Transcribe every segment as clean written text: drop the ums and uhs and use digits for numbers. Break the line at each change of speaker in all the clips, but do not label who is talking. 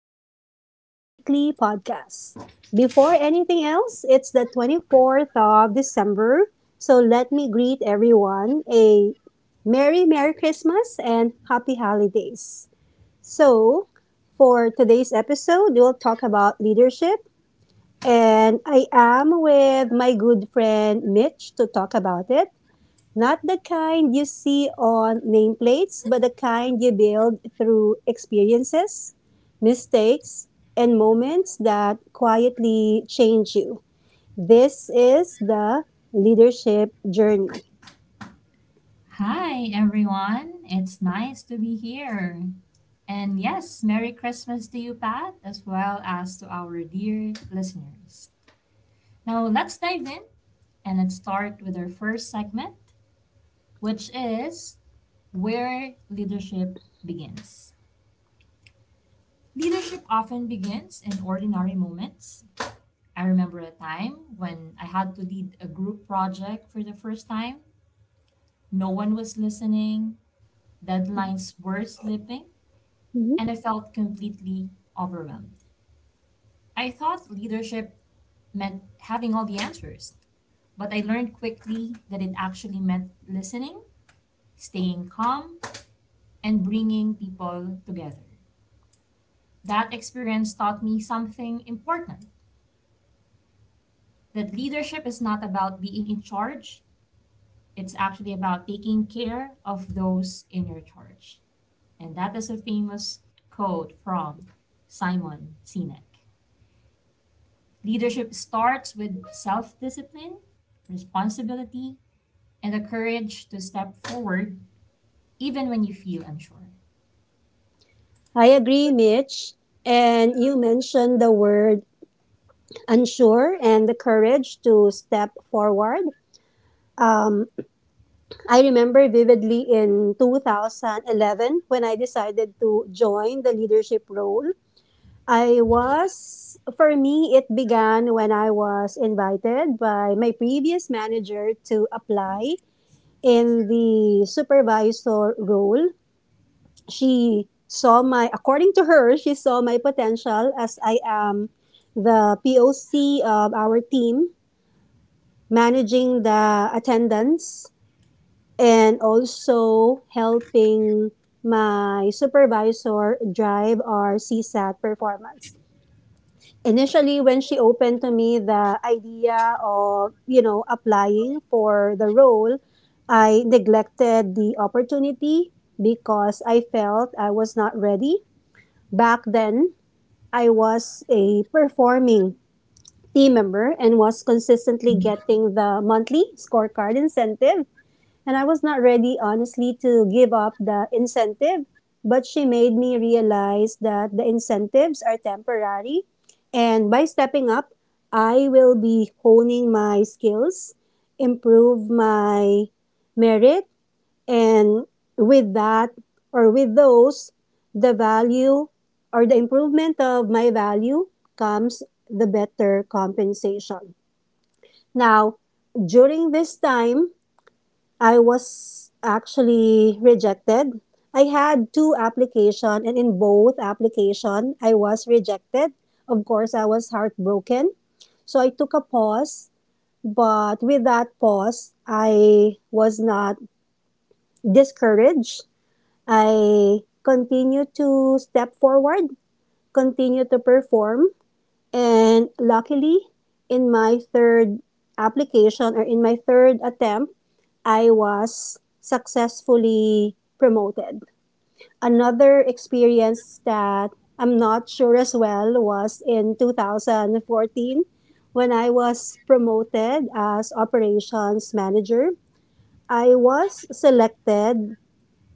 welcome back to our weekly podcast. Before anything else, it's the 24th of December, so let me greet everyone a Merry, Merry Christmas and Happy Holidays. So, for today's episode, we'll talk about leadership, and I am with my good friend Mitch to talk about it. Not the kind you see on nameplates, but the kind you build through experiences, mistakes, and moments that quietly change you. This is the leadership journey.
Hi, everyone. It's nice to be here. And yes, Merry Christmas to you, Pat, as well as to our dear listeners. Now, let's dive in and let's start with our first segment, which is where leadership begins. Leadership often begins in ordinary moments. I remember a time when I had to lead a group project for the first time. No one was listening, deadlines were slipping,
Mhm.
and I felt completely overwhelmed. I thought leadership meant having all the answers, but I learned quickly that it actually meant listening, staying calm, and bringing people together. That experience taught me something important, that leadership is not about being in charge, it's actually about taking care of those in your charge. And that is a famous quote from Simon Sinek. Leadership starts with self discipline, responsibility, and the courage to step forward even when you feel unsure.
I agree, Mitch. And you mentioned the word unsure and the courage to step forward. Um, I remember vividly in 2011 when I decided to join the leadership role. For me, it began when I was invited by my previous manager to apply in the supervisor role. She saw my, according to her, she saw my potential as I am the POC of our team, managing the attendance and also helping my supervisor drive our CSAT performance. Initially, when she opened to me the idea of applying for the role, I neglected the opportunity because I felt I was not ready. Back then, I was a performing team member and was consistently getting the monthly scorecard incentive, and I was not ready, honestly, to give up the incentive, but she made me realize that the incentives are temporary. And by stepping up, I will be honing my skills, improve my merit, and with that or with those, the value or the improvement of my value comes the better compensation. Now, during this time, I was actually rejected. I had two application and in both application I was rejected. Of course, I was heartbroken. So I took a pause, but with that pause, I was not discouraged. I continued to step forward, continued to perform, and luckily in my third application or in my third attempt I was successfully promoted. Another experience that I'm not sure as well was in 2014 when I was promoted as operations manager. I was selected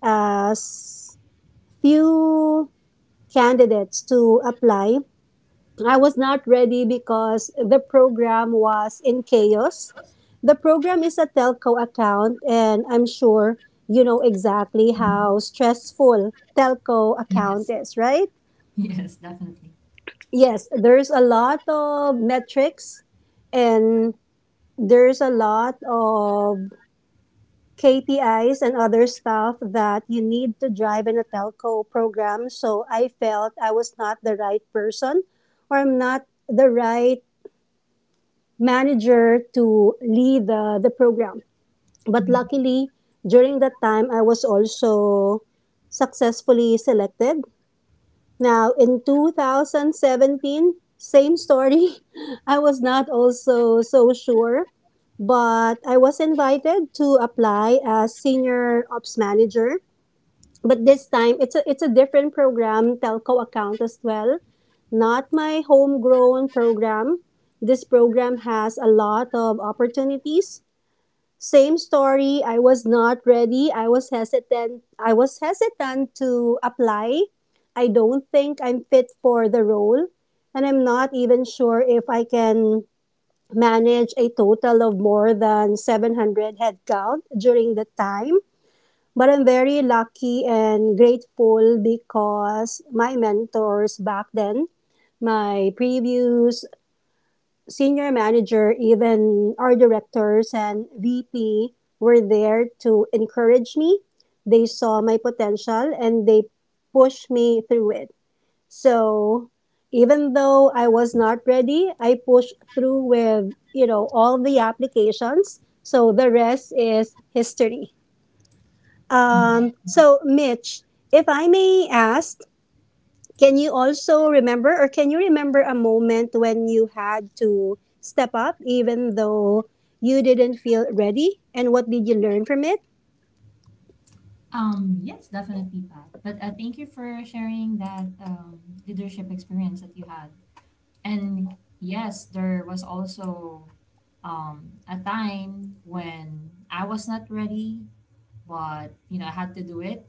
as few candidates to apply. I was not ready because the program was in chaos. The program is a telco account, and I'm sure you know exactly
Mhm.
how stressful telco account
Yes,
is, right?
yes, definitely.
Yes, there's a lot of metrics and there's a lot of KPIs and other stuff that you need to drive in a telco program. So I felt I was not the right person or I'm not the right manager to lead the program. But
Mhm.
luckily, during that time, I was also successfully selected. Now, in 2017, same story. I was not also so sure, but I was invited to apply as senior ops manager, but this time it's a different program, telco account as well, not my homegrown program. This program has a lot of opportunities. Same story, I was not ready. I was hesitant to apply. I don't think I'm fit for the role, and I'm not even sure if I can manage a total of more than 700 headcount during the time. But I'm very lucky and grateful because my mentors back then, my previous senior manager, even our directors and VP were there to encourage me. They saw my potential and they pushed me through it. So even though I was not ready, I pushed through with, you know, all the applications. So the rest is history. Um,
Mhm.
so, Mitch, if I may ask, can you also remember or can you remember a moment when you had to step up even though you didn't feel ready? And what did you learn from it?
Yes, definitely, Pat. But thank you for sharing that leadership experience that you had. And yes, there was also a time when I was not ready, but you know I had to do it.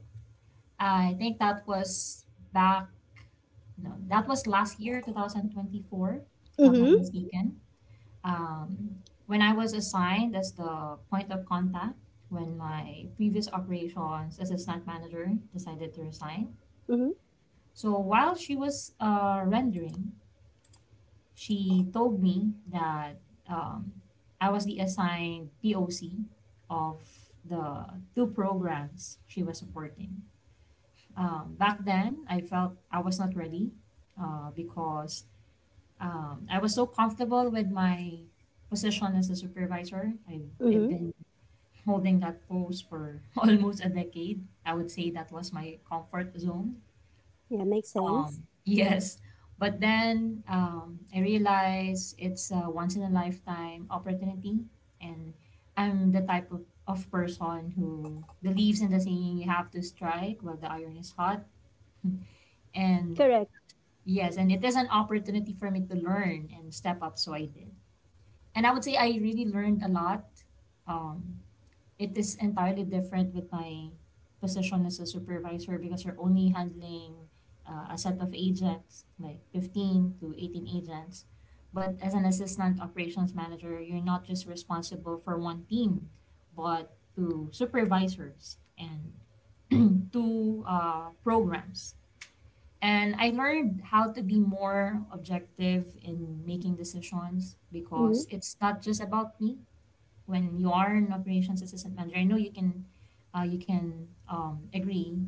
I think that was back No, that was last year, 2024, if I'm not
Mm-hmm.
mistaken. When I was assigned as the point of contact, when my previous operations assistant manager decided to resign.
Mm-hmm.
So while she was rendering, she told me that um, I was the assigned POC of the two programs she was supporting. Back then, I felt I was not ready because I was so comfortable with my position as a supervisor. I've
Mm-hmm.
been holding that post for almost a decade. I would say that was my comfort zone.
Yeah, makes sense.
Yes. But then I realized it's a once in a lifetime opportunity. And I'm the type of person who believes in the saying you have to strike while the iron is hot. And
Correct.
yes, and it is an opportunity for me to learn and step up. So I did. And I would say I really learned a lot. Um, it is entirely different with my position as a supervisor because you're only handling a set of agents, like 15 to 18 agents. But as an assistant operations manager, you're not just responsible for one team, but to supervisors and to programs. And I learned how to be more objective in making decisions
Mm-hmm.
because it's not just about me. When you are an operations assistant manager, I know you can agree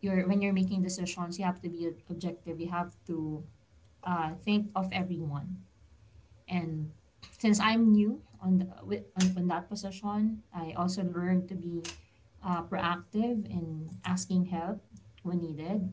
you're when you're making decisions you have to be objective, you have to think of everyone. And since I'm new on, the, wi- on that position, I also learned to be proactive in asking help when needed.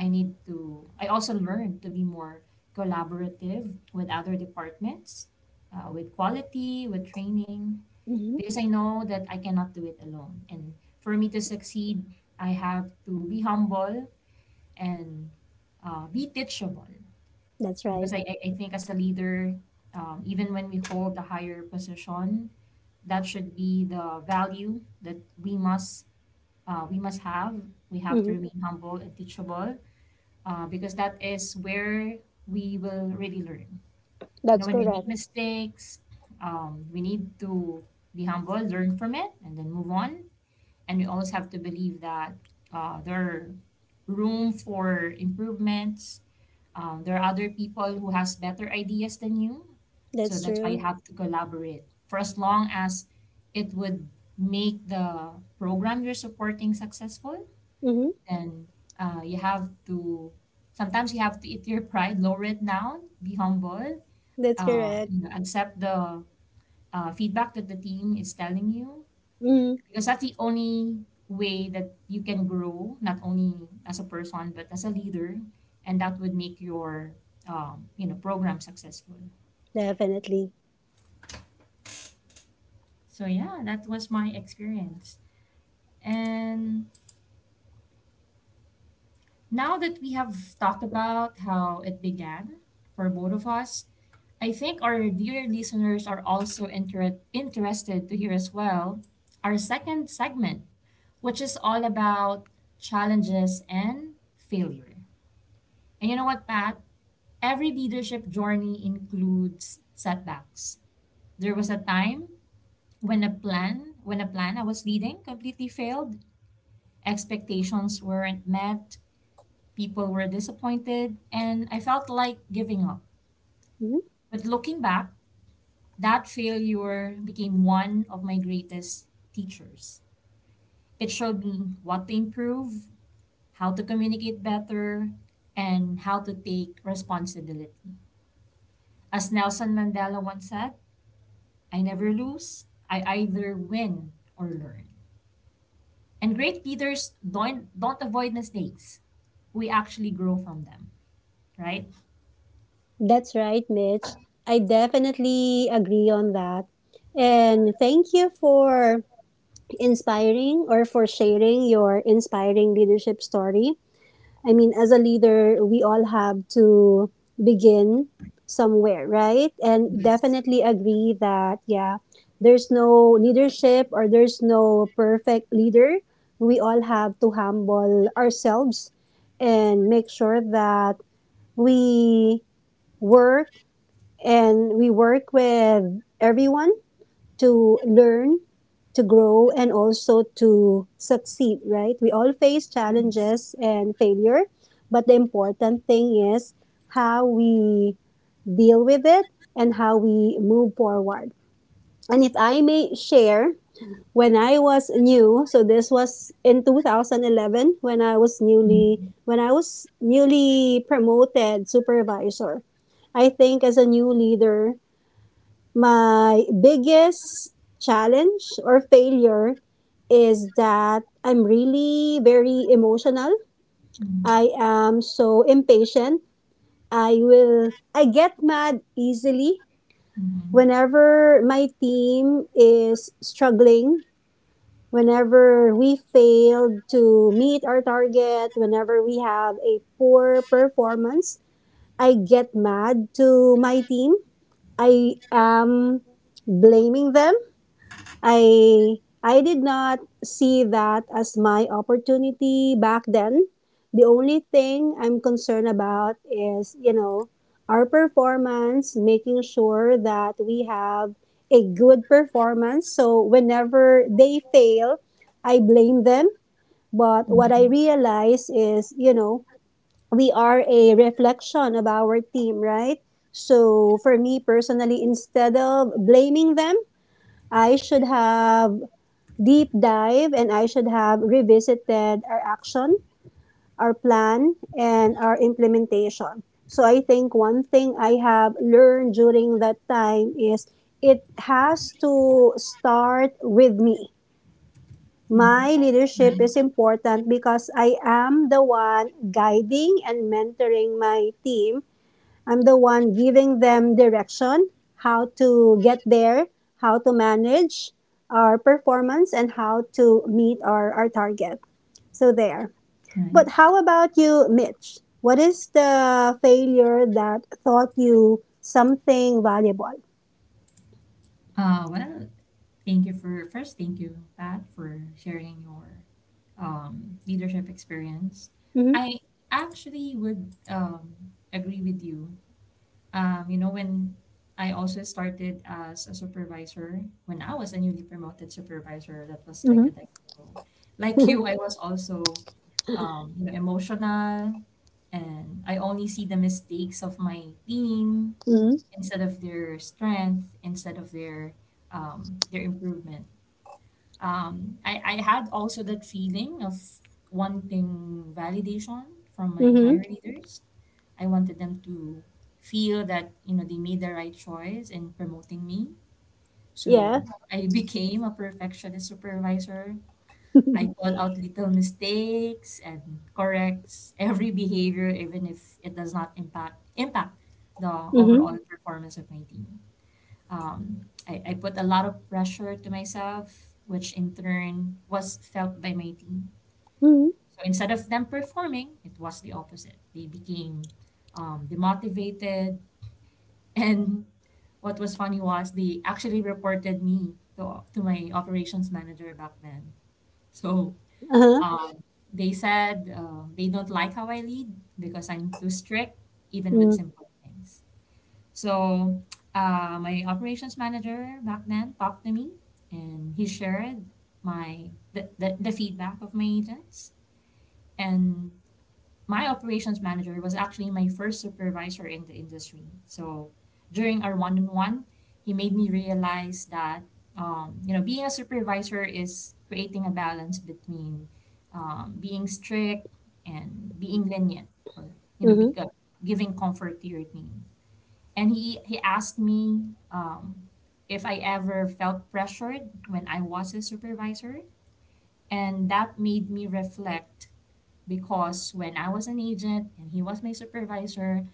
I also learned to be more collaborative with other departments, with quality, with training,
Mm-hmm.
because I know that I cannot do it alone. And for me to succeed, I have to be humble and be teachable.
That's right.
Because I think as a leader, even when we hold a higher position, that should be the value that we must have. We have to
Mm-hmm.
remain humble and teachable because that is where we will really learn. You know,
That's
when we make
correct.
mistakes, we need to be humble, learn from it, and then move on. And we always have to believe that there are room for improvements. There are other people who has better ideas than you, so
That's
that's why you
true.
have to collaborate. For as long as it would make the program you're supporting successful,
Mm-hmm.
then you have to. Sometimes you have to eat your pride, lower it down, be humble,
That's correct.
accept the feedback that the team is telling you,
Mm-hmm.
because that's the only way that you can grow, not only as a person but as a leader. And that would make your program successful.
Definitely.
So yeah, that was my experience. And now that we have talked about how it began for both of us, I think our dear listeners are also interested to hear as well our second segment, which is all about challenges and failure. And you know what, Pat, every leadership journey includes setbacks. There was a time when a plan I was leading completely failed, expectations weren't met, people were disappointed, and I felt like giving up.
Mm-hmm.
But looking back, that failure became one of my greatest teachers. It showed me what to improve, how to communicate better, and how to take responsibility. As Nelson Mandela once said, I never lose. I either win or learn. And great leaders don't avoid mistakes. We actually grow from them, right?
That's right, Mitch. I definitely agree on that. And thank you for inspiring or for sharing your inspiring leadership story. I mean, as a leader, we all have to begin somewhere, right? And
Yes.
definitely agree that, yeah, there's no leadership or there's no perfect leader. We all have to humble ourselves and make sure that we work and we work with everyone to learn, to grow, and also to succeed, right? We all face
Yes.
challenges and failure, but the important thing is how we deal with it and how we move forward. And if I may share, when I was new, so this was in 2011 when I was newly
Mhm.
promoted supervisor. I think as a new leader, my biggest challenge or failure is that I'm really very emotional.
Mhm.
I am so impatient. I get mad easily whenever my team is struggling, whenever we fail to meet our target, whenever we have a poor performance, I get mad to my team. I am blaming them. I did not see that as my opportunity back then. The only thing I'm concerned about is, you know, our performance, making sure that we have a good performance. So whenever they fail, I blame them. But what I
Mhm.
realize is, you know, we are a reflection of our team, right? So for me personally, instead of blaming them, I should have deep dive and I should have revisited our action, our plan, and our implementation. So I think one thing I have learned during that time is it has to start with me.
Mhm.
My
Right.
leadership is
Right.
important because I am the one guiding and mentoring my team. I'm the one giving them direction, how to get there, how to manage our performance, and how to meet our target. So there.
Right.
But how about you, Mitch? What is the failure that taught you something valuable?
Well, thank you for first. Thank you, Pat, for sharing your leadership experience.
Mm-hmm.
I actually would agree with you. When I also started as a supervisor, when I was a newly promoted supervisor, that was like
Mm-hmm.
a decade ago. Like you, I was also emotional, and I only see the mistakes of my team
Mm-hmm.
instead of their strength, instead of their improvement. I had also that feeling of wanting validation from my
Mm-hmm.
higher leaders. I wanted them to feel that, you know, they made the right choice in promoting me.
Yeah.
So I became a perfectionist supervisor. I call out little mistakes and corrects every behavior, even if it does not impact the
Mm-hmm.
overall performance of my team. Um, I put a lot of pressure to myself, which in turn was felt by my team.
Mm-hmm.
So instead of them performing, it was the opposite. They became demotivated. And what was funny was they actually reported me to my operations manager back then. So
Uh-huh.
um, they said they don't like how I lead because I'm too strict, even with
Mm-hmm.
simple things. So my operations manager back then talked to me, and he shared the feedback of my agents. And my operations manager was actually my first supervisor in the industry. So during our one on one, he made me realize that being a supervisor is creating a balance between being strict and being lenient, or you know,
Mm-hmm.
beca- giving comfort to your team. And he asked me if I ever felt pressured when I was a supervisor, and that made me reflect, because when I was an agent and he was my supervisor,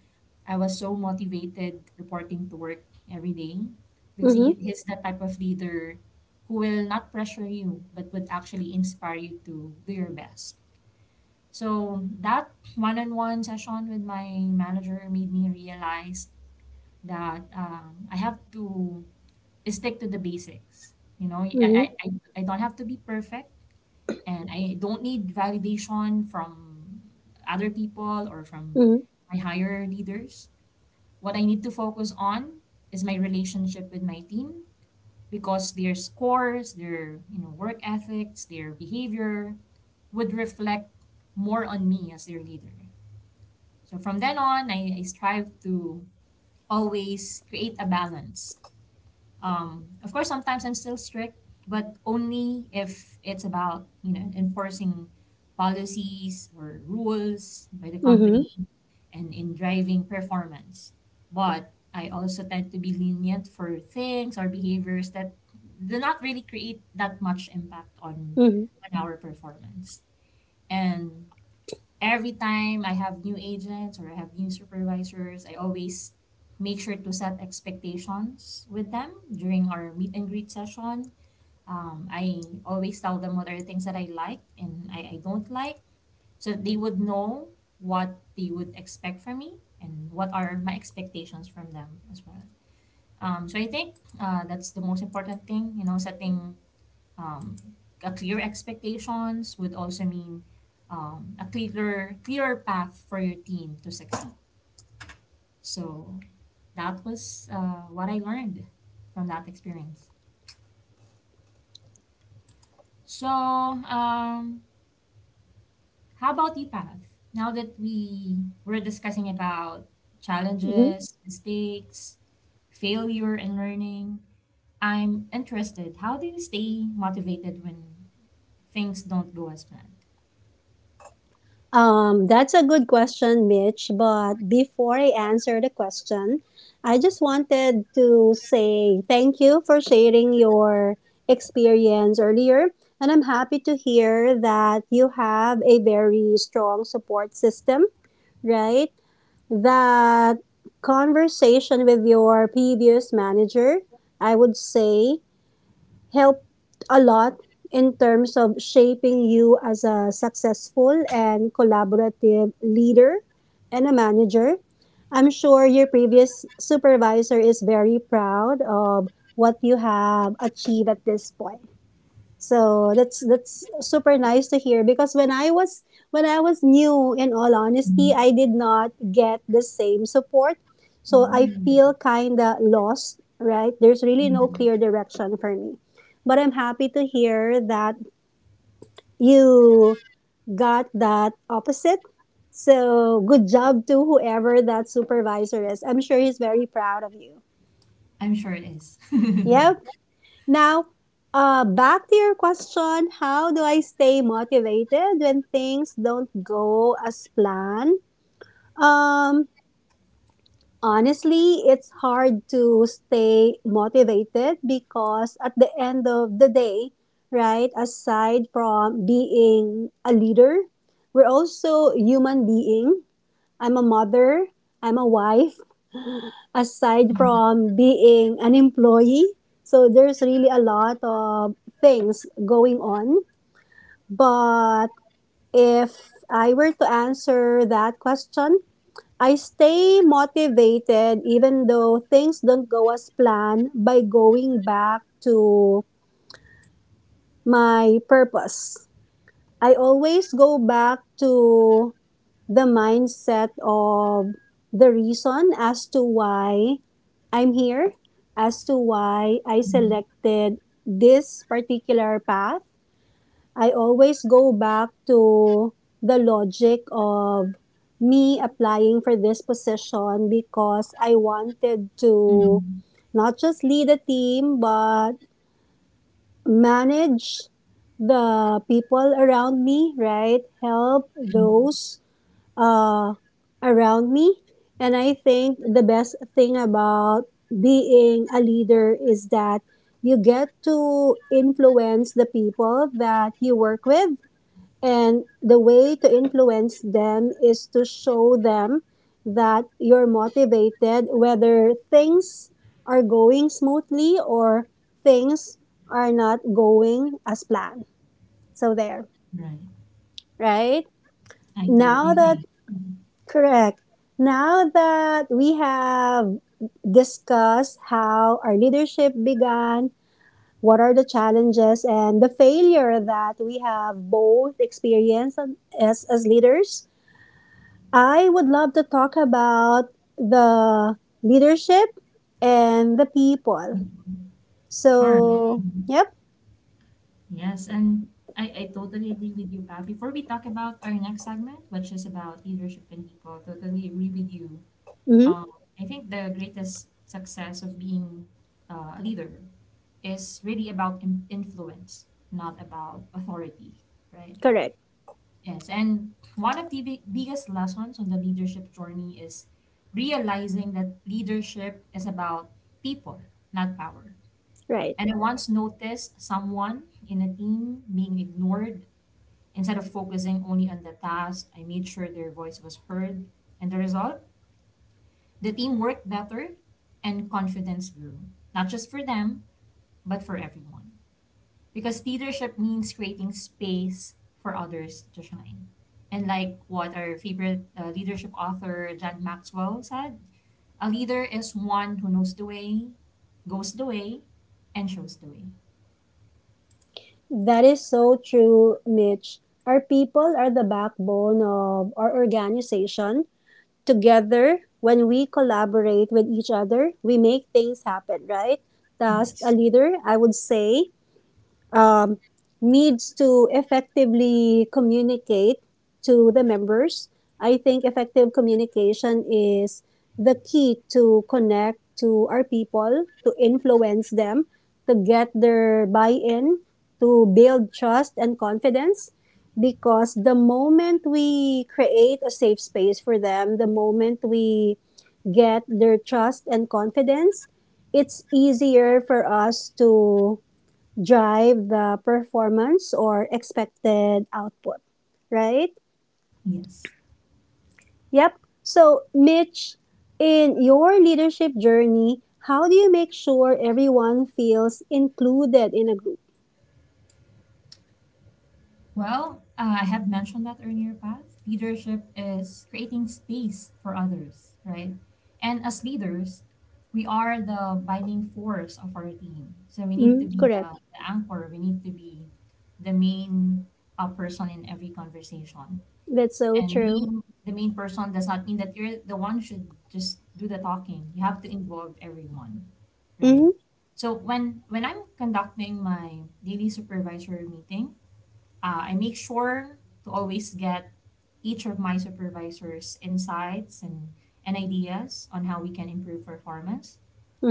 I was so motivated reporting to work every day because
Mm-hmm.
he's the type of leader who will not pressure you but would actually inspire you to do your best. So that one-on-one session with my manager made me realize that I have to stick to the basics. You know,
Mm-hmm.
I don't have to be perfect, and I don't need validation from other people or from
Mm-hmm.
my higher leaders. What I need to focus on is my relationship with my team, because their scores, their you know work ethics, their behavior would reflect more on me as their leader. So from then on, I strive to always create a balance. Of course, sometimes I'm still strict, but only if it's about you know enforcing policies or rules by the
Mm-hmm.
company and in driving performance. But I also tend to be lenient for things or behaviors that do not really create that much impact
Mm-hmm.
on our performance. And every time I have new agents or I have new supervisors, I always make sure to set expectations with them during our meet and greet session. I always tell them what are the things that I like and I don't like, so that they would know what they would expect from me and what are my expectations from them as well. So I think that's the most important thing, you know, setting um, a clear expectations would also mean a clearer clearer path for your team to succeed. So that was what I learned from that experience. So how about you, Path, now that we were discussing about
Mm-hmm.
challenges, mistakes, failure and learning, I'm interested, how do you stay motivated when things don't go as planned?
That's a good question, Mitch. But before I answer the question, I just wanted to say thank you for sharing your experience earlier. And I'm happy to hear that you have a very strong support system, right? That conversation with your previous manager, I would say, helped a lot in terms of shaping you as a successful and collaborative leader and a manager. I'm sure your previous supervisor is very proud of what you have achieved at this point. So that's super nice to hear because when I was new in all honesty, I did not get the same support. So I
Mm.
feel kind of lost, right? There's really no clear direction for me. But I'm happy to hear that you got that opposite. So good job to whoever that supervisor is. I'm sure he's very proud of you.
I'm sure it is.
Yep. Now, back to your question, how do I stay motivated when things don't go as planned? Um, Honestly, it's hard to stay motivated because at the end of the day, right, aside from being a leader, we're also human being. I'm a mother, I'm a wife, aside from being an employee. So there's really a lot of things going on. But if I were to answer that question, I stay motivated even though things don't go as planned by going back to my purpose. I always go back to the mindset of the reason as to why I'm here, as to why I
Mm,
selected this particular path. I always go back to the logic of me applying for this position because I wanted to
mm,
not just lead a team, but manage the people around me, right? Help
mm.
those uh, around me. And I think the best thing about being a leader is that you get to influence the people that you work with. And the way to influence them is to show them that you're motivated, whether things are going smoothly or things are not going as planned. So, there,
Right.
right?
I totally
Now that
agree.
Correct. Now that we have discussed how our leadership began, what are the challenges and the failure that we have both experienced and- as leaders, I would love to talk about the leadership and the people.
Mm. Sure.
So, yep.
Yes, and I totally agree with you, Pat. Before we talk about our next segment, which is about leadership and people, totally agree with you.
hmm
Um, I think the greatest success of being a leader is really about influence, not about authority, right?
Correct.
Yes, and one of the biggest lessons on the leadership journey is realizing that leadership is about people, not power.
Right.
And I once noticed someone in a team being ignored. Instead of focusing only on the task, I made sure their voice was heard. And the result? The team worked better and confidence grew, not just for them, but for everyone. Because leadership means creating space for others to shine. And like what our favorite leadership author, John Maxwell, said, a leader is one who knows the way, goes the way, and shows the way.
That is so true, Mitch. Our people are the backbone of our organization. Together, when we collaborate with each other, we make things happen, right? As a
Yes.
leader, I would say um, needs to effectively communicate to the members. I think effective communication is the key to connect to our people, to influence them, to get their buy in, to build trust and confidence. Because the moment we create a safe space for them, the moment we get their trust and confidence, it's easier for us to drive the performance or expected output, right?
Yes.
Yep. So, Mitch, in your leadership journey, how do you make sure everyone feels included in a group?
Well, I have mentioned that earlier, Path. Leadership is creating space for others, right? And as leaders, we are the binding force of our team. So we need to
Mm,
be
correct.
the anchor, we need to be the main person in every conversation.
That's so
And
true.
being the main person does not mean that you're the one should just do the talking. You have to involve everyone, right?
Mm-hmm.
So when I'm conducting my daily supervisor meeting, I make sure to always get each of my supervisors' insights and ideas on how we can improve performance.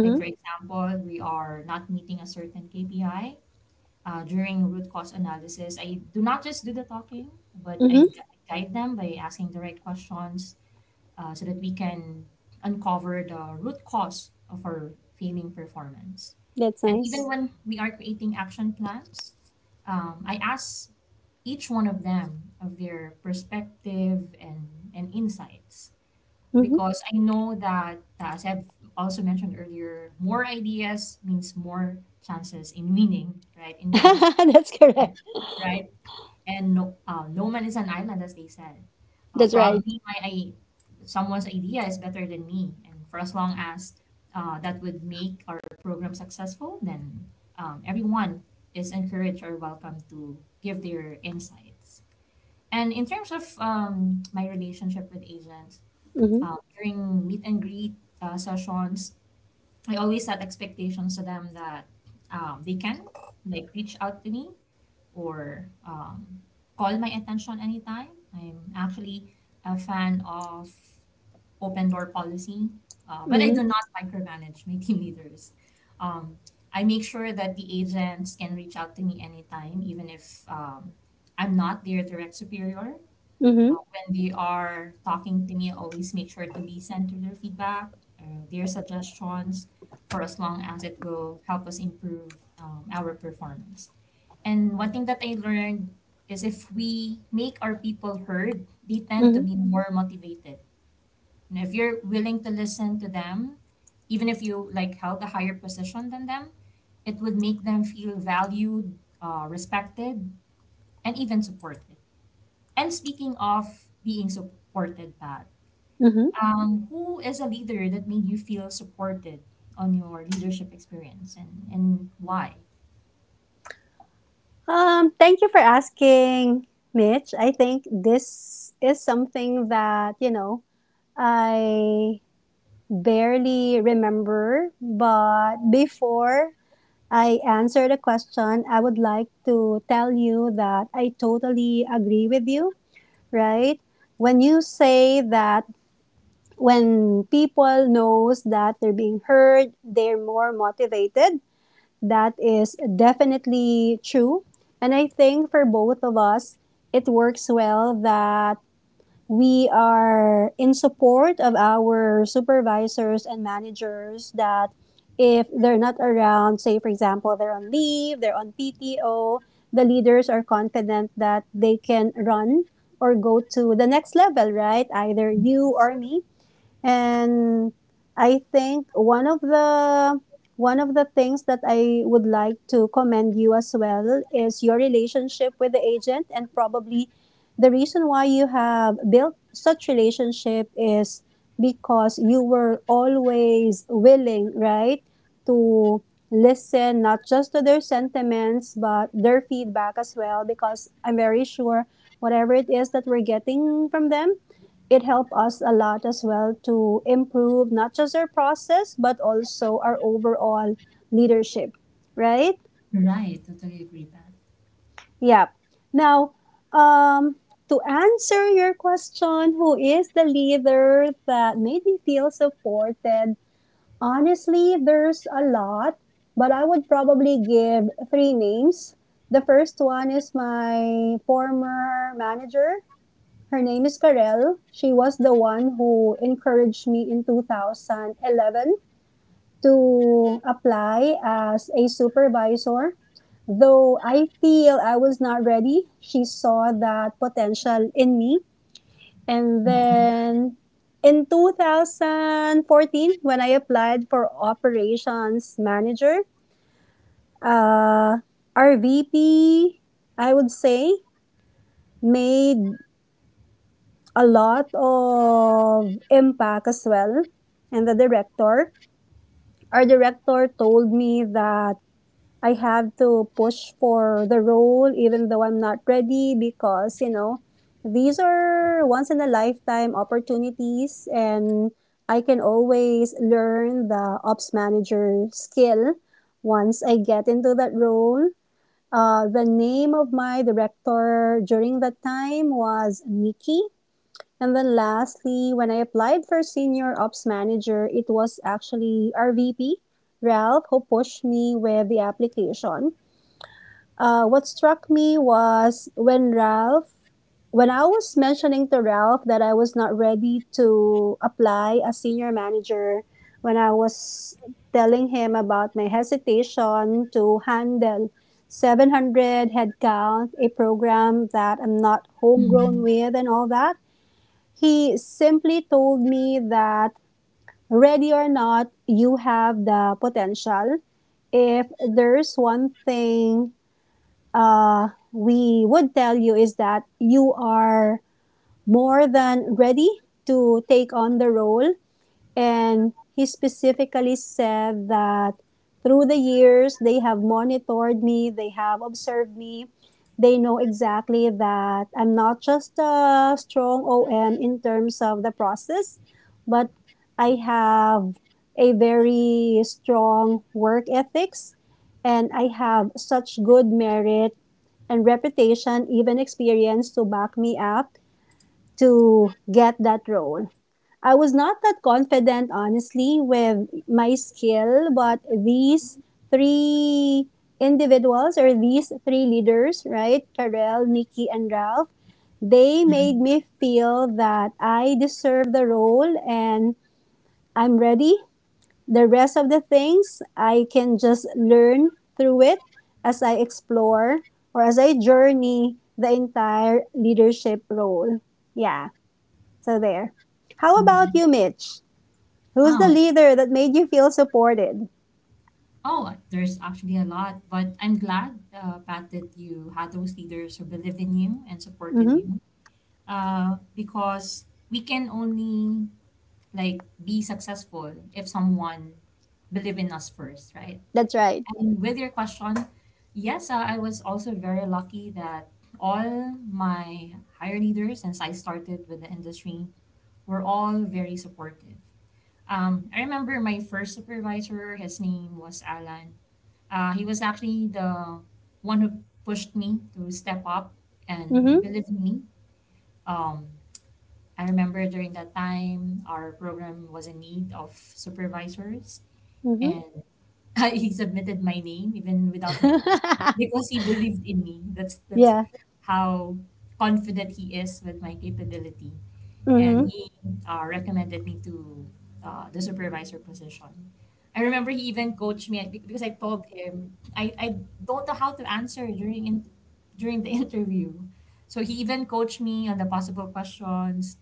Like, for example, we are not meeting a certain KPI. During root cause analysis, I do not just do the talking, but I
Mm-hmm.
guide them by asking the right questions, so that we can uncover the root cause of our failing performance.
That's
And even
nice.
when we are creating action plans, I ask each one of them of their perspective and insights
Mm-hmm.
because I know that, as I've also mentioned earlier, more ideas means more chances in winning, right? In being
That's
successful,
correct.
right? And no man is an island, as they said. Uh,
That's right.
probably my I, Someone's idea is better than me, and for as long as that would make our program successful, then everyone is encouraged or welcome to give their insights. And in terms of my relationship with agents,
Mm-hmm.
during meet and greet sessions, I always set expectations to them that they can like reach out to me or call my attention anytime. I'm actually a fan of open door policy, but I
Mm-hmm.
do not micromanage my team leaders. Um, I make sure that the agents can reach out to me anytime, even if I'm not their direct superior.
Mm-hmm.
When they are talking to me, I always make sure to listen to their feedback, their suggestions, for as long as it will help us improve our performance. And one thing that I learned is if we make our people heard, they tend to
Mm-hmm.
be more motivated. And if you're willing to listen to them, even if you like held a higher position than them, it would make them feel valued, respected, and even supported. And speaking of being supported, Pat,
Mm-hmm.
who is a leader that made you feel supported on your leadership experience and why?
Thank you for asking, Mitch. I think this is something that, you know, I barely remember, but before I answer the question, I would like to tell you that I totally agree with you, right? When you say that when people knows that they're being heard, they're more motivated. That is definitely true. And I think for both of us, it works well that we are in support of our supervisors and managers that if they're not around, say, for example, they're on leave, they're on PTO, the leaders are confident that they can run or go to the next level, right? Either you
Yes.
or me, and I think one of the things that I would like to commend you as well is your relationship with the agent, and probably the reason why you have built such relationship is because you were always willing, right, to listen not just to their sentiments but their feedback as well, because I'm very sure whatever it is that we're getting from them, it helped us a lot as well to improve not just our process but also our overall leadership, right?
Right, totally agree, Pat.
Yeah. Now, um to answer your question, who is the leader that made me feel supported? Honestly, there's a lot, but I would probably give three names. The first one is my former manager. Her name is Karel. She was the one who encouraged me in 2011 to apply as a supervisor. Though I feel I was not ready, she saw that potential in me. And then in 2014, when I applied for operations manager, uh, our VP, I would say, made a lot of impact as well. And the director, our director, told me that I have to push for the role even though I'm not ready, because you know, these are once in a lifetime opportunities, and I can always learn the ops manager skill once I get into that role. The name of my director during that time was Nikki. And then lastly, when I applied for senior ops manager, it was actually our VP, Ralph, who pushed me with the application. What struck me was when Ralph, when I was mentioning to Ralph that I was not ready to apply as senior manager, when I was telling him about my hesitation to handle 700 headcount, a program that I'm not homegrown
Mm.
with and all that, he simply told me that ready or not, you have the potential. If there's one thing we would tell you, is that you are more than ready to take on the role. And he specifically said that through the years, they have monitored me, they have observed me. They know exactly that I'm not just a strong OM in terms of the process, but I have a very strong work ethics, and I have such good merit and reputation, even experience to back me up to get that role. I was not that confident, honestly, with my skill, but these three individuals, or these three leaders, right? Karel, Nikki, and Ralph, they made me feel that I deserve the role and I'm ready. The rest of the things I can just learn through it as I explore, or as I journey the entire leadership role. Yeah, so there. How about
Um,
you, Mitch? Who's the
oh,
leader that made you feel supported?
oh, there's actually a lot, but I'm glad, Pat, that you had those leaders who believed in you and supported
Mm-hmm.
you. Because we can only like be successful if someone believe in us first, right?
That's right.
And with your question, yes, I was also very lucky that all my higher leaders, since I started with the industry, were all very supportive. I remember my first supervisor, his name was Alan. He was actually the one who pushed me to step up
Mm-hmm.
and believe in me. Um, I remember during that time, our program was in need of supervisors,
Mm-hmm.
and he submitted my name even without my consent because he believed in me. That's
Yeah.
how confident he is with my capability
Mm-hmm.
and he recommended me to the supervisor position. I remember he even coached me because I told him I don't know how to answer during the interview. So he even coached me on the possible questions,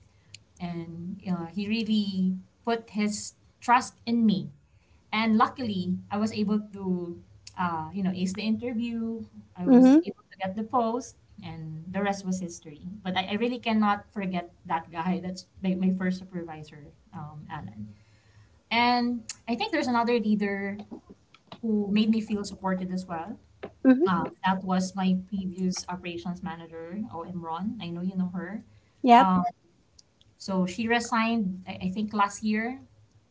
and he really put his trust in me, and luckily I was able to, you know, ace the interview. I was
Mm-hmm.
able to get the post, and the rest was history. But I really cannot forget that guy. That's my first supervisor, Alan. And I think there's another leader who made me feel supported as well.
Mm-hmm.
That was my previous operations manager, OM Ron. I know you know her.
Yep.
um, so she resigned, I think last year,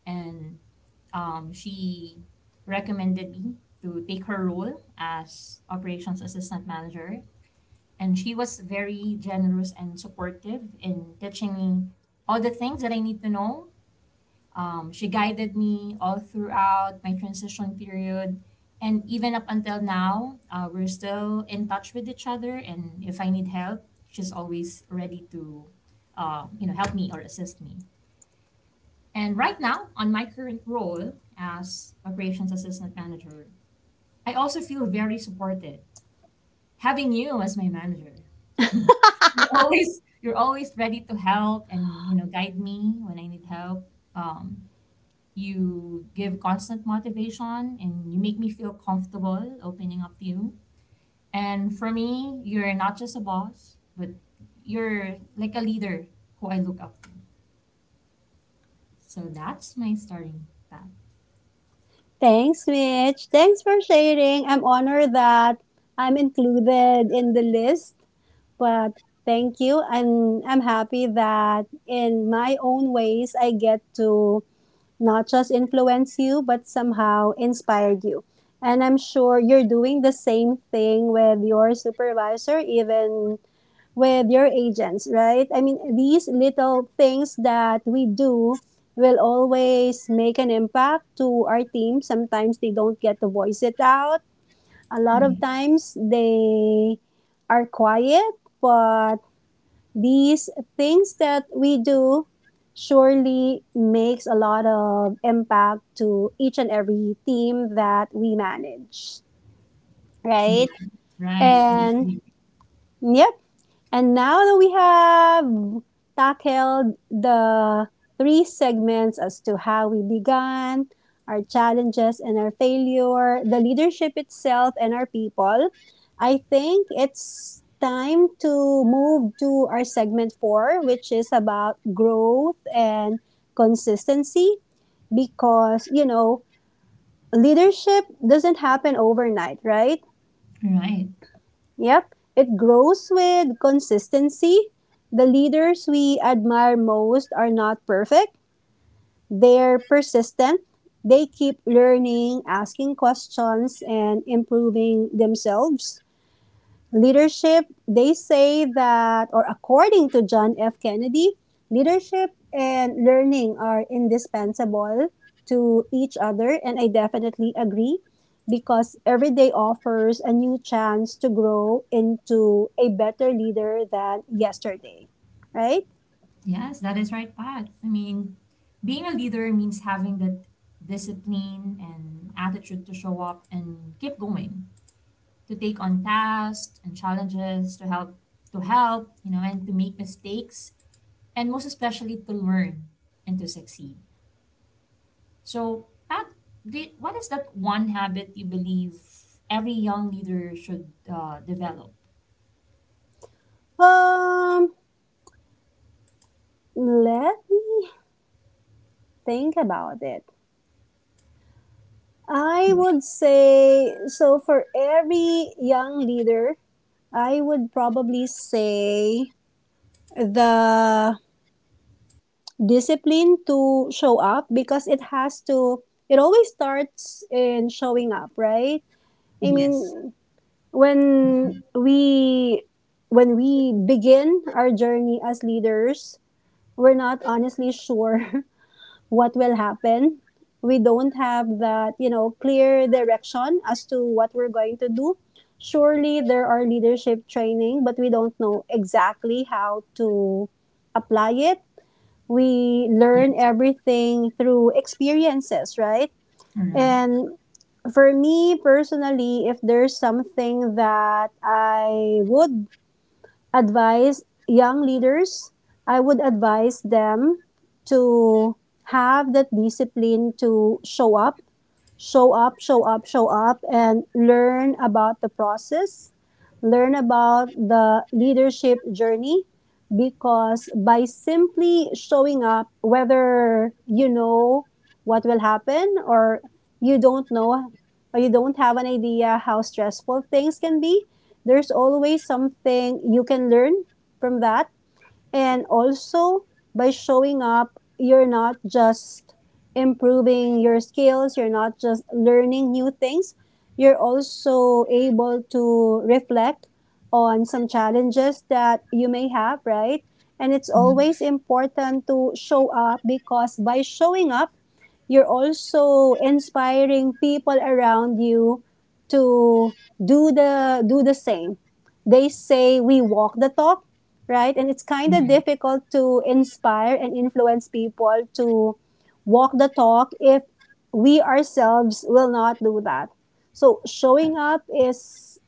and she recommended me to take her role as operations assistant manager. And she was very generous and supportive in teaching me all the things that I need to know. She guided me all throughout my transition period. And even up until now, we're still in touch with each other. And if I need help, she's always ready to, you know, help me or assist me. And right now, on my current role as operations assistant manager, I also feel very supported having you as my manager. You're always ready to help, and you know guide me when I need help. Um, you give constant motivation and you make me feel comfortable opening up to you. And for me, you're not just a boss, but you're like a leader who I look up to. So that's my starting path.
Thanks, Mitch. Thanks for sharing. I'm honored that I'm included in the list, but thank you. I'm happy that in my own ways I get to not just influence you, but somehow inspire you. And I'm sure you're doing the same thing with your supervisor, even with your agents, right? I mean, these little things that we do will always make an impact to our team. Sometimes they don't get to voice it out. A lot of times they are quiet, but these things that we do surely makes a lot of impact to each and every team that we manage,
Right,
right?
right,
And
totally.
yep, and now that we have tackled the three segments as to how we began, our challenges and our failure, the leadership itself and our people, I think it's time to move to our segment four, which is about growth and consistency, because, you know, leadership doesn't happen overnight, right?
Right.
Yep, it grows with consistency. The leaders we admire most are not perfect. They're persistent. They keep learning, asking questions, and improving themselves. Leadership, they say that, or according to John F. Kennedy, leadership and learning are indispensable to each other. And I definitely agree, because every day offers a new chance to grow into a better leader than yesterday, right?
Yes, that is right, Pat. I mean, being a leader means having that discipline and attitude to show up and keep going, to take on tasks and challenges, to help, you know, and to make mistakes, and most especially to learn and to succeed. So, Pat, what is that one habit you believe every young leader should develop?
Um, Let me think about it. I would say so, for every young leader, I would probably say the discipline to show up, because it has to, it always starts in showing up, right? I
Yes.
mean, when we when we begin our journey as leaders, we're not honestly sure what will happen. We don't have that, you know, clear direction as to what we're going to do. Surely there are leadership training, but we don't know exactly how to apply it. We learn
Yes.
everything through experiences, right?
All right.
And for me personally, if there's something that I would advise young leaders, I would advise them to have that discipline to show up. Show up, show up, show up, and learn about the process, learn about the leadership journey. Because by simply showing up, whether you know what will happen, or you don't know, or you don't have an idea how stressful things can be, there's always something you can learn from that. And also, by showing up, you're not just improving your skills, you're not just learning new things, you're also able to reflect on some challenges that you may have, right? And it's always important to show up, because by showing up, you're also inspiring people around you to do the same. They say we walk the talk, right? And it's kind of
Yeah.
difficult to inspire and influence people to walk the talk if we ourselves will not do that. So showing up is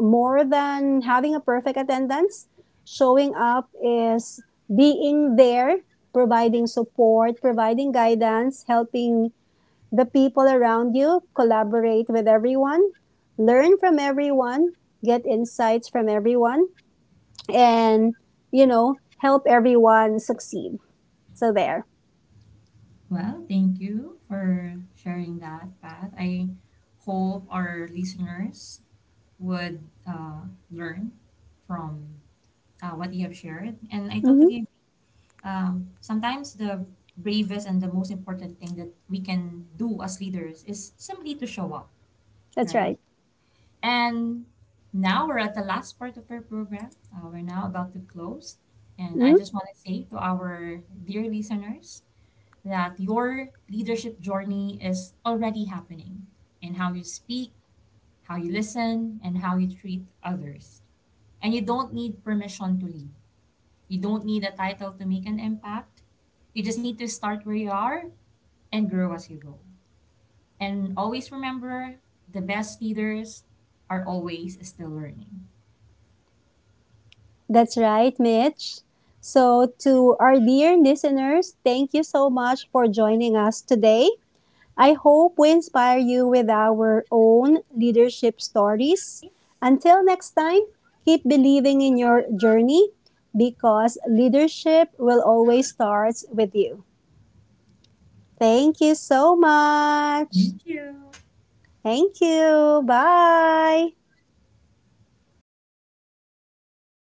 more than having a perfect attendance. Showing up is being there, providing support, providing guidance, helping the people around you, collaborate with everyone, learn from everyone, get insights from everyone, and you know, help everyone succeed. So there.
Well, thank you for sharing that, Pat. I hope our listeners would learn from what you have shared. And I
Mm-hmm.
totally agree. Sometimes the bravest and the most important thing that we can do as leaders is simply to show up,
That's
right?
right.
And now we're at the last part of our program. We're now about to close. And I
Mm-hmm.
just want to say to our dear listeners, that your leadership journey is already happening in how you speak, how you listen, and how you treat others. And you don't need permission to lead. You don't need a title to make an impact. You just need to start where you are and grow as you go. And always remember, the best leaders are always still learning.
That's right, Mitch. So to our dear listeners, thank you so much for joining us today. I hope we inspire you with our own leadership stories. Until next time, keep believing in your journey, because leadership will always start with you. Thank you so much.
Thank you.
Thank you. Bye.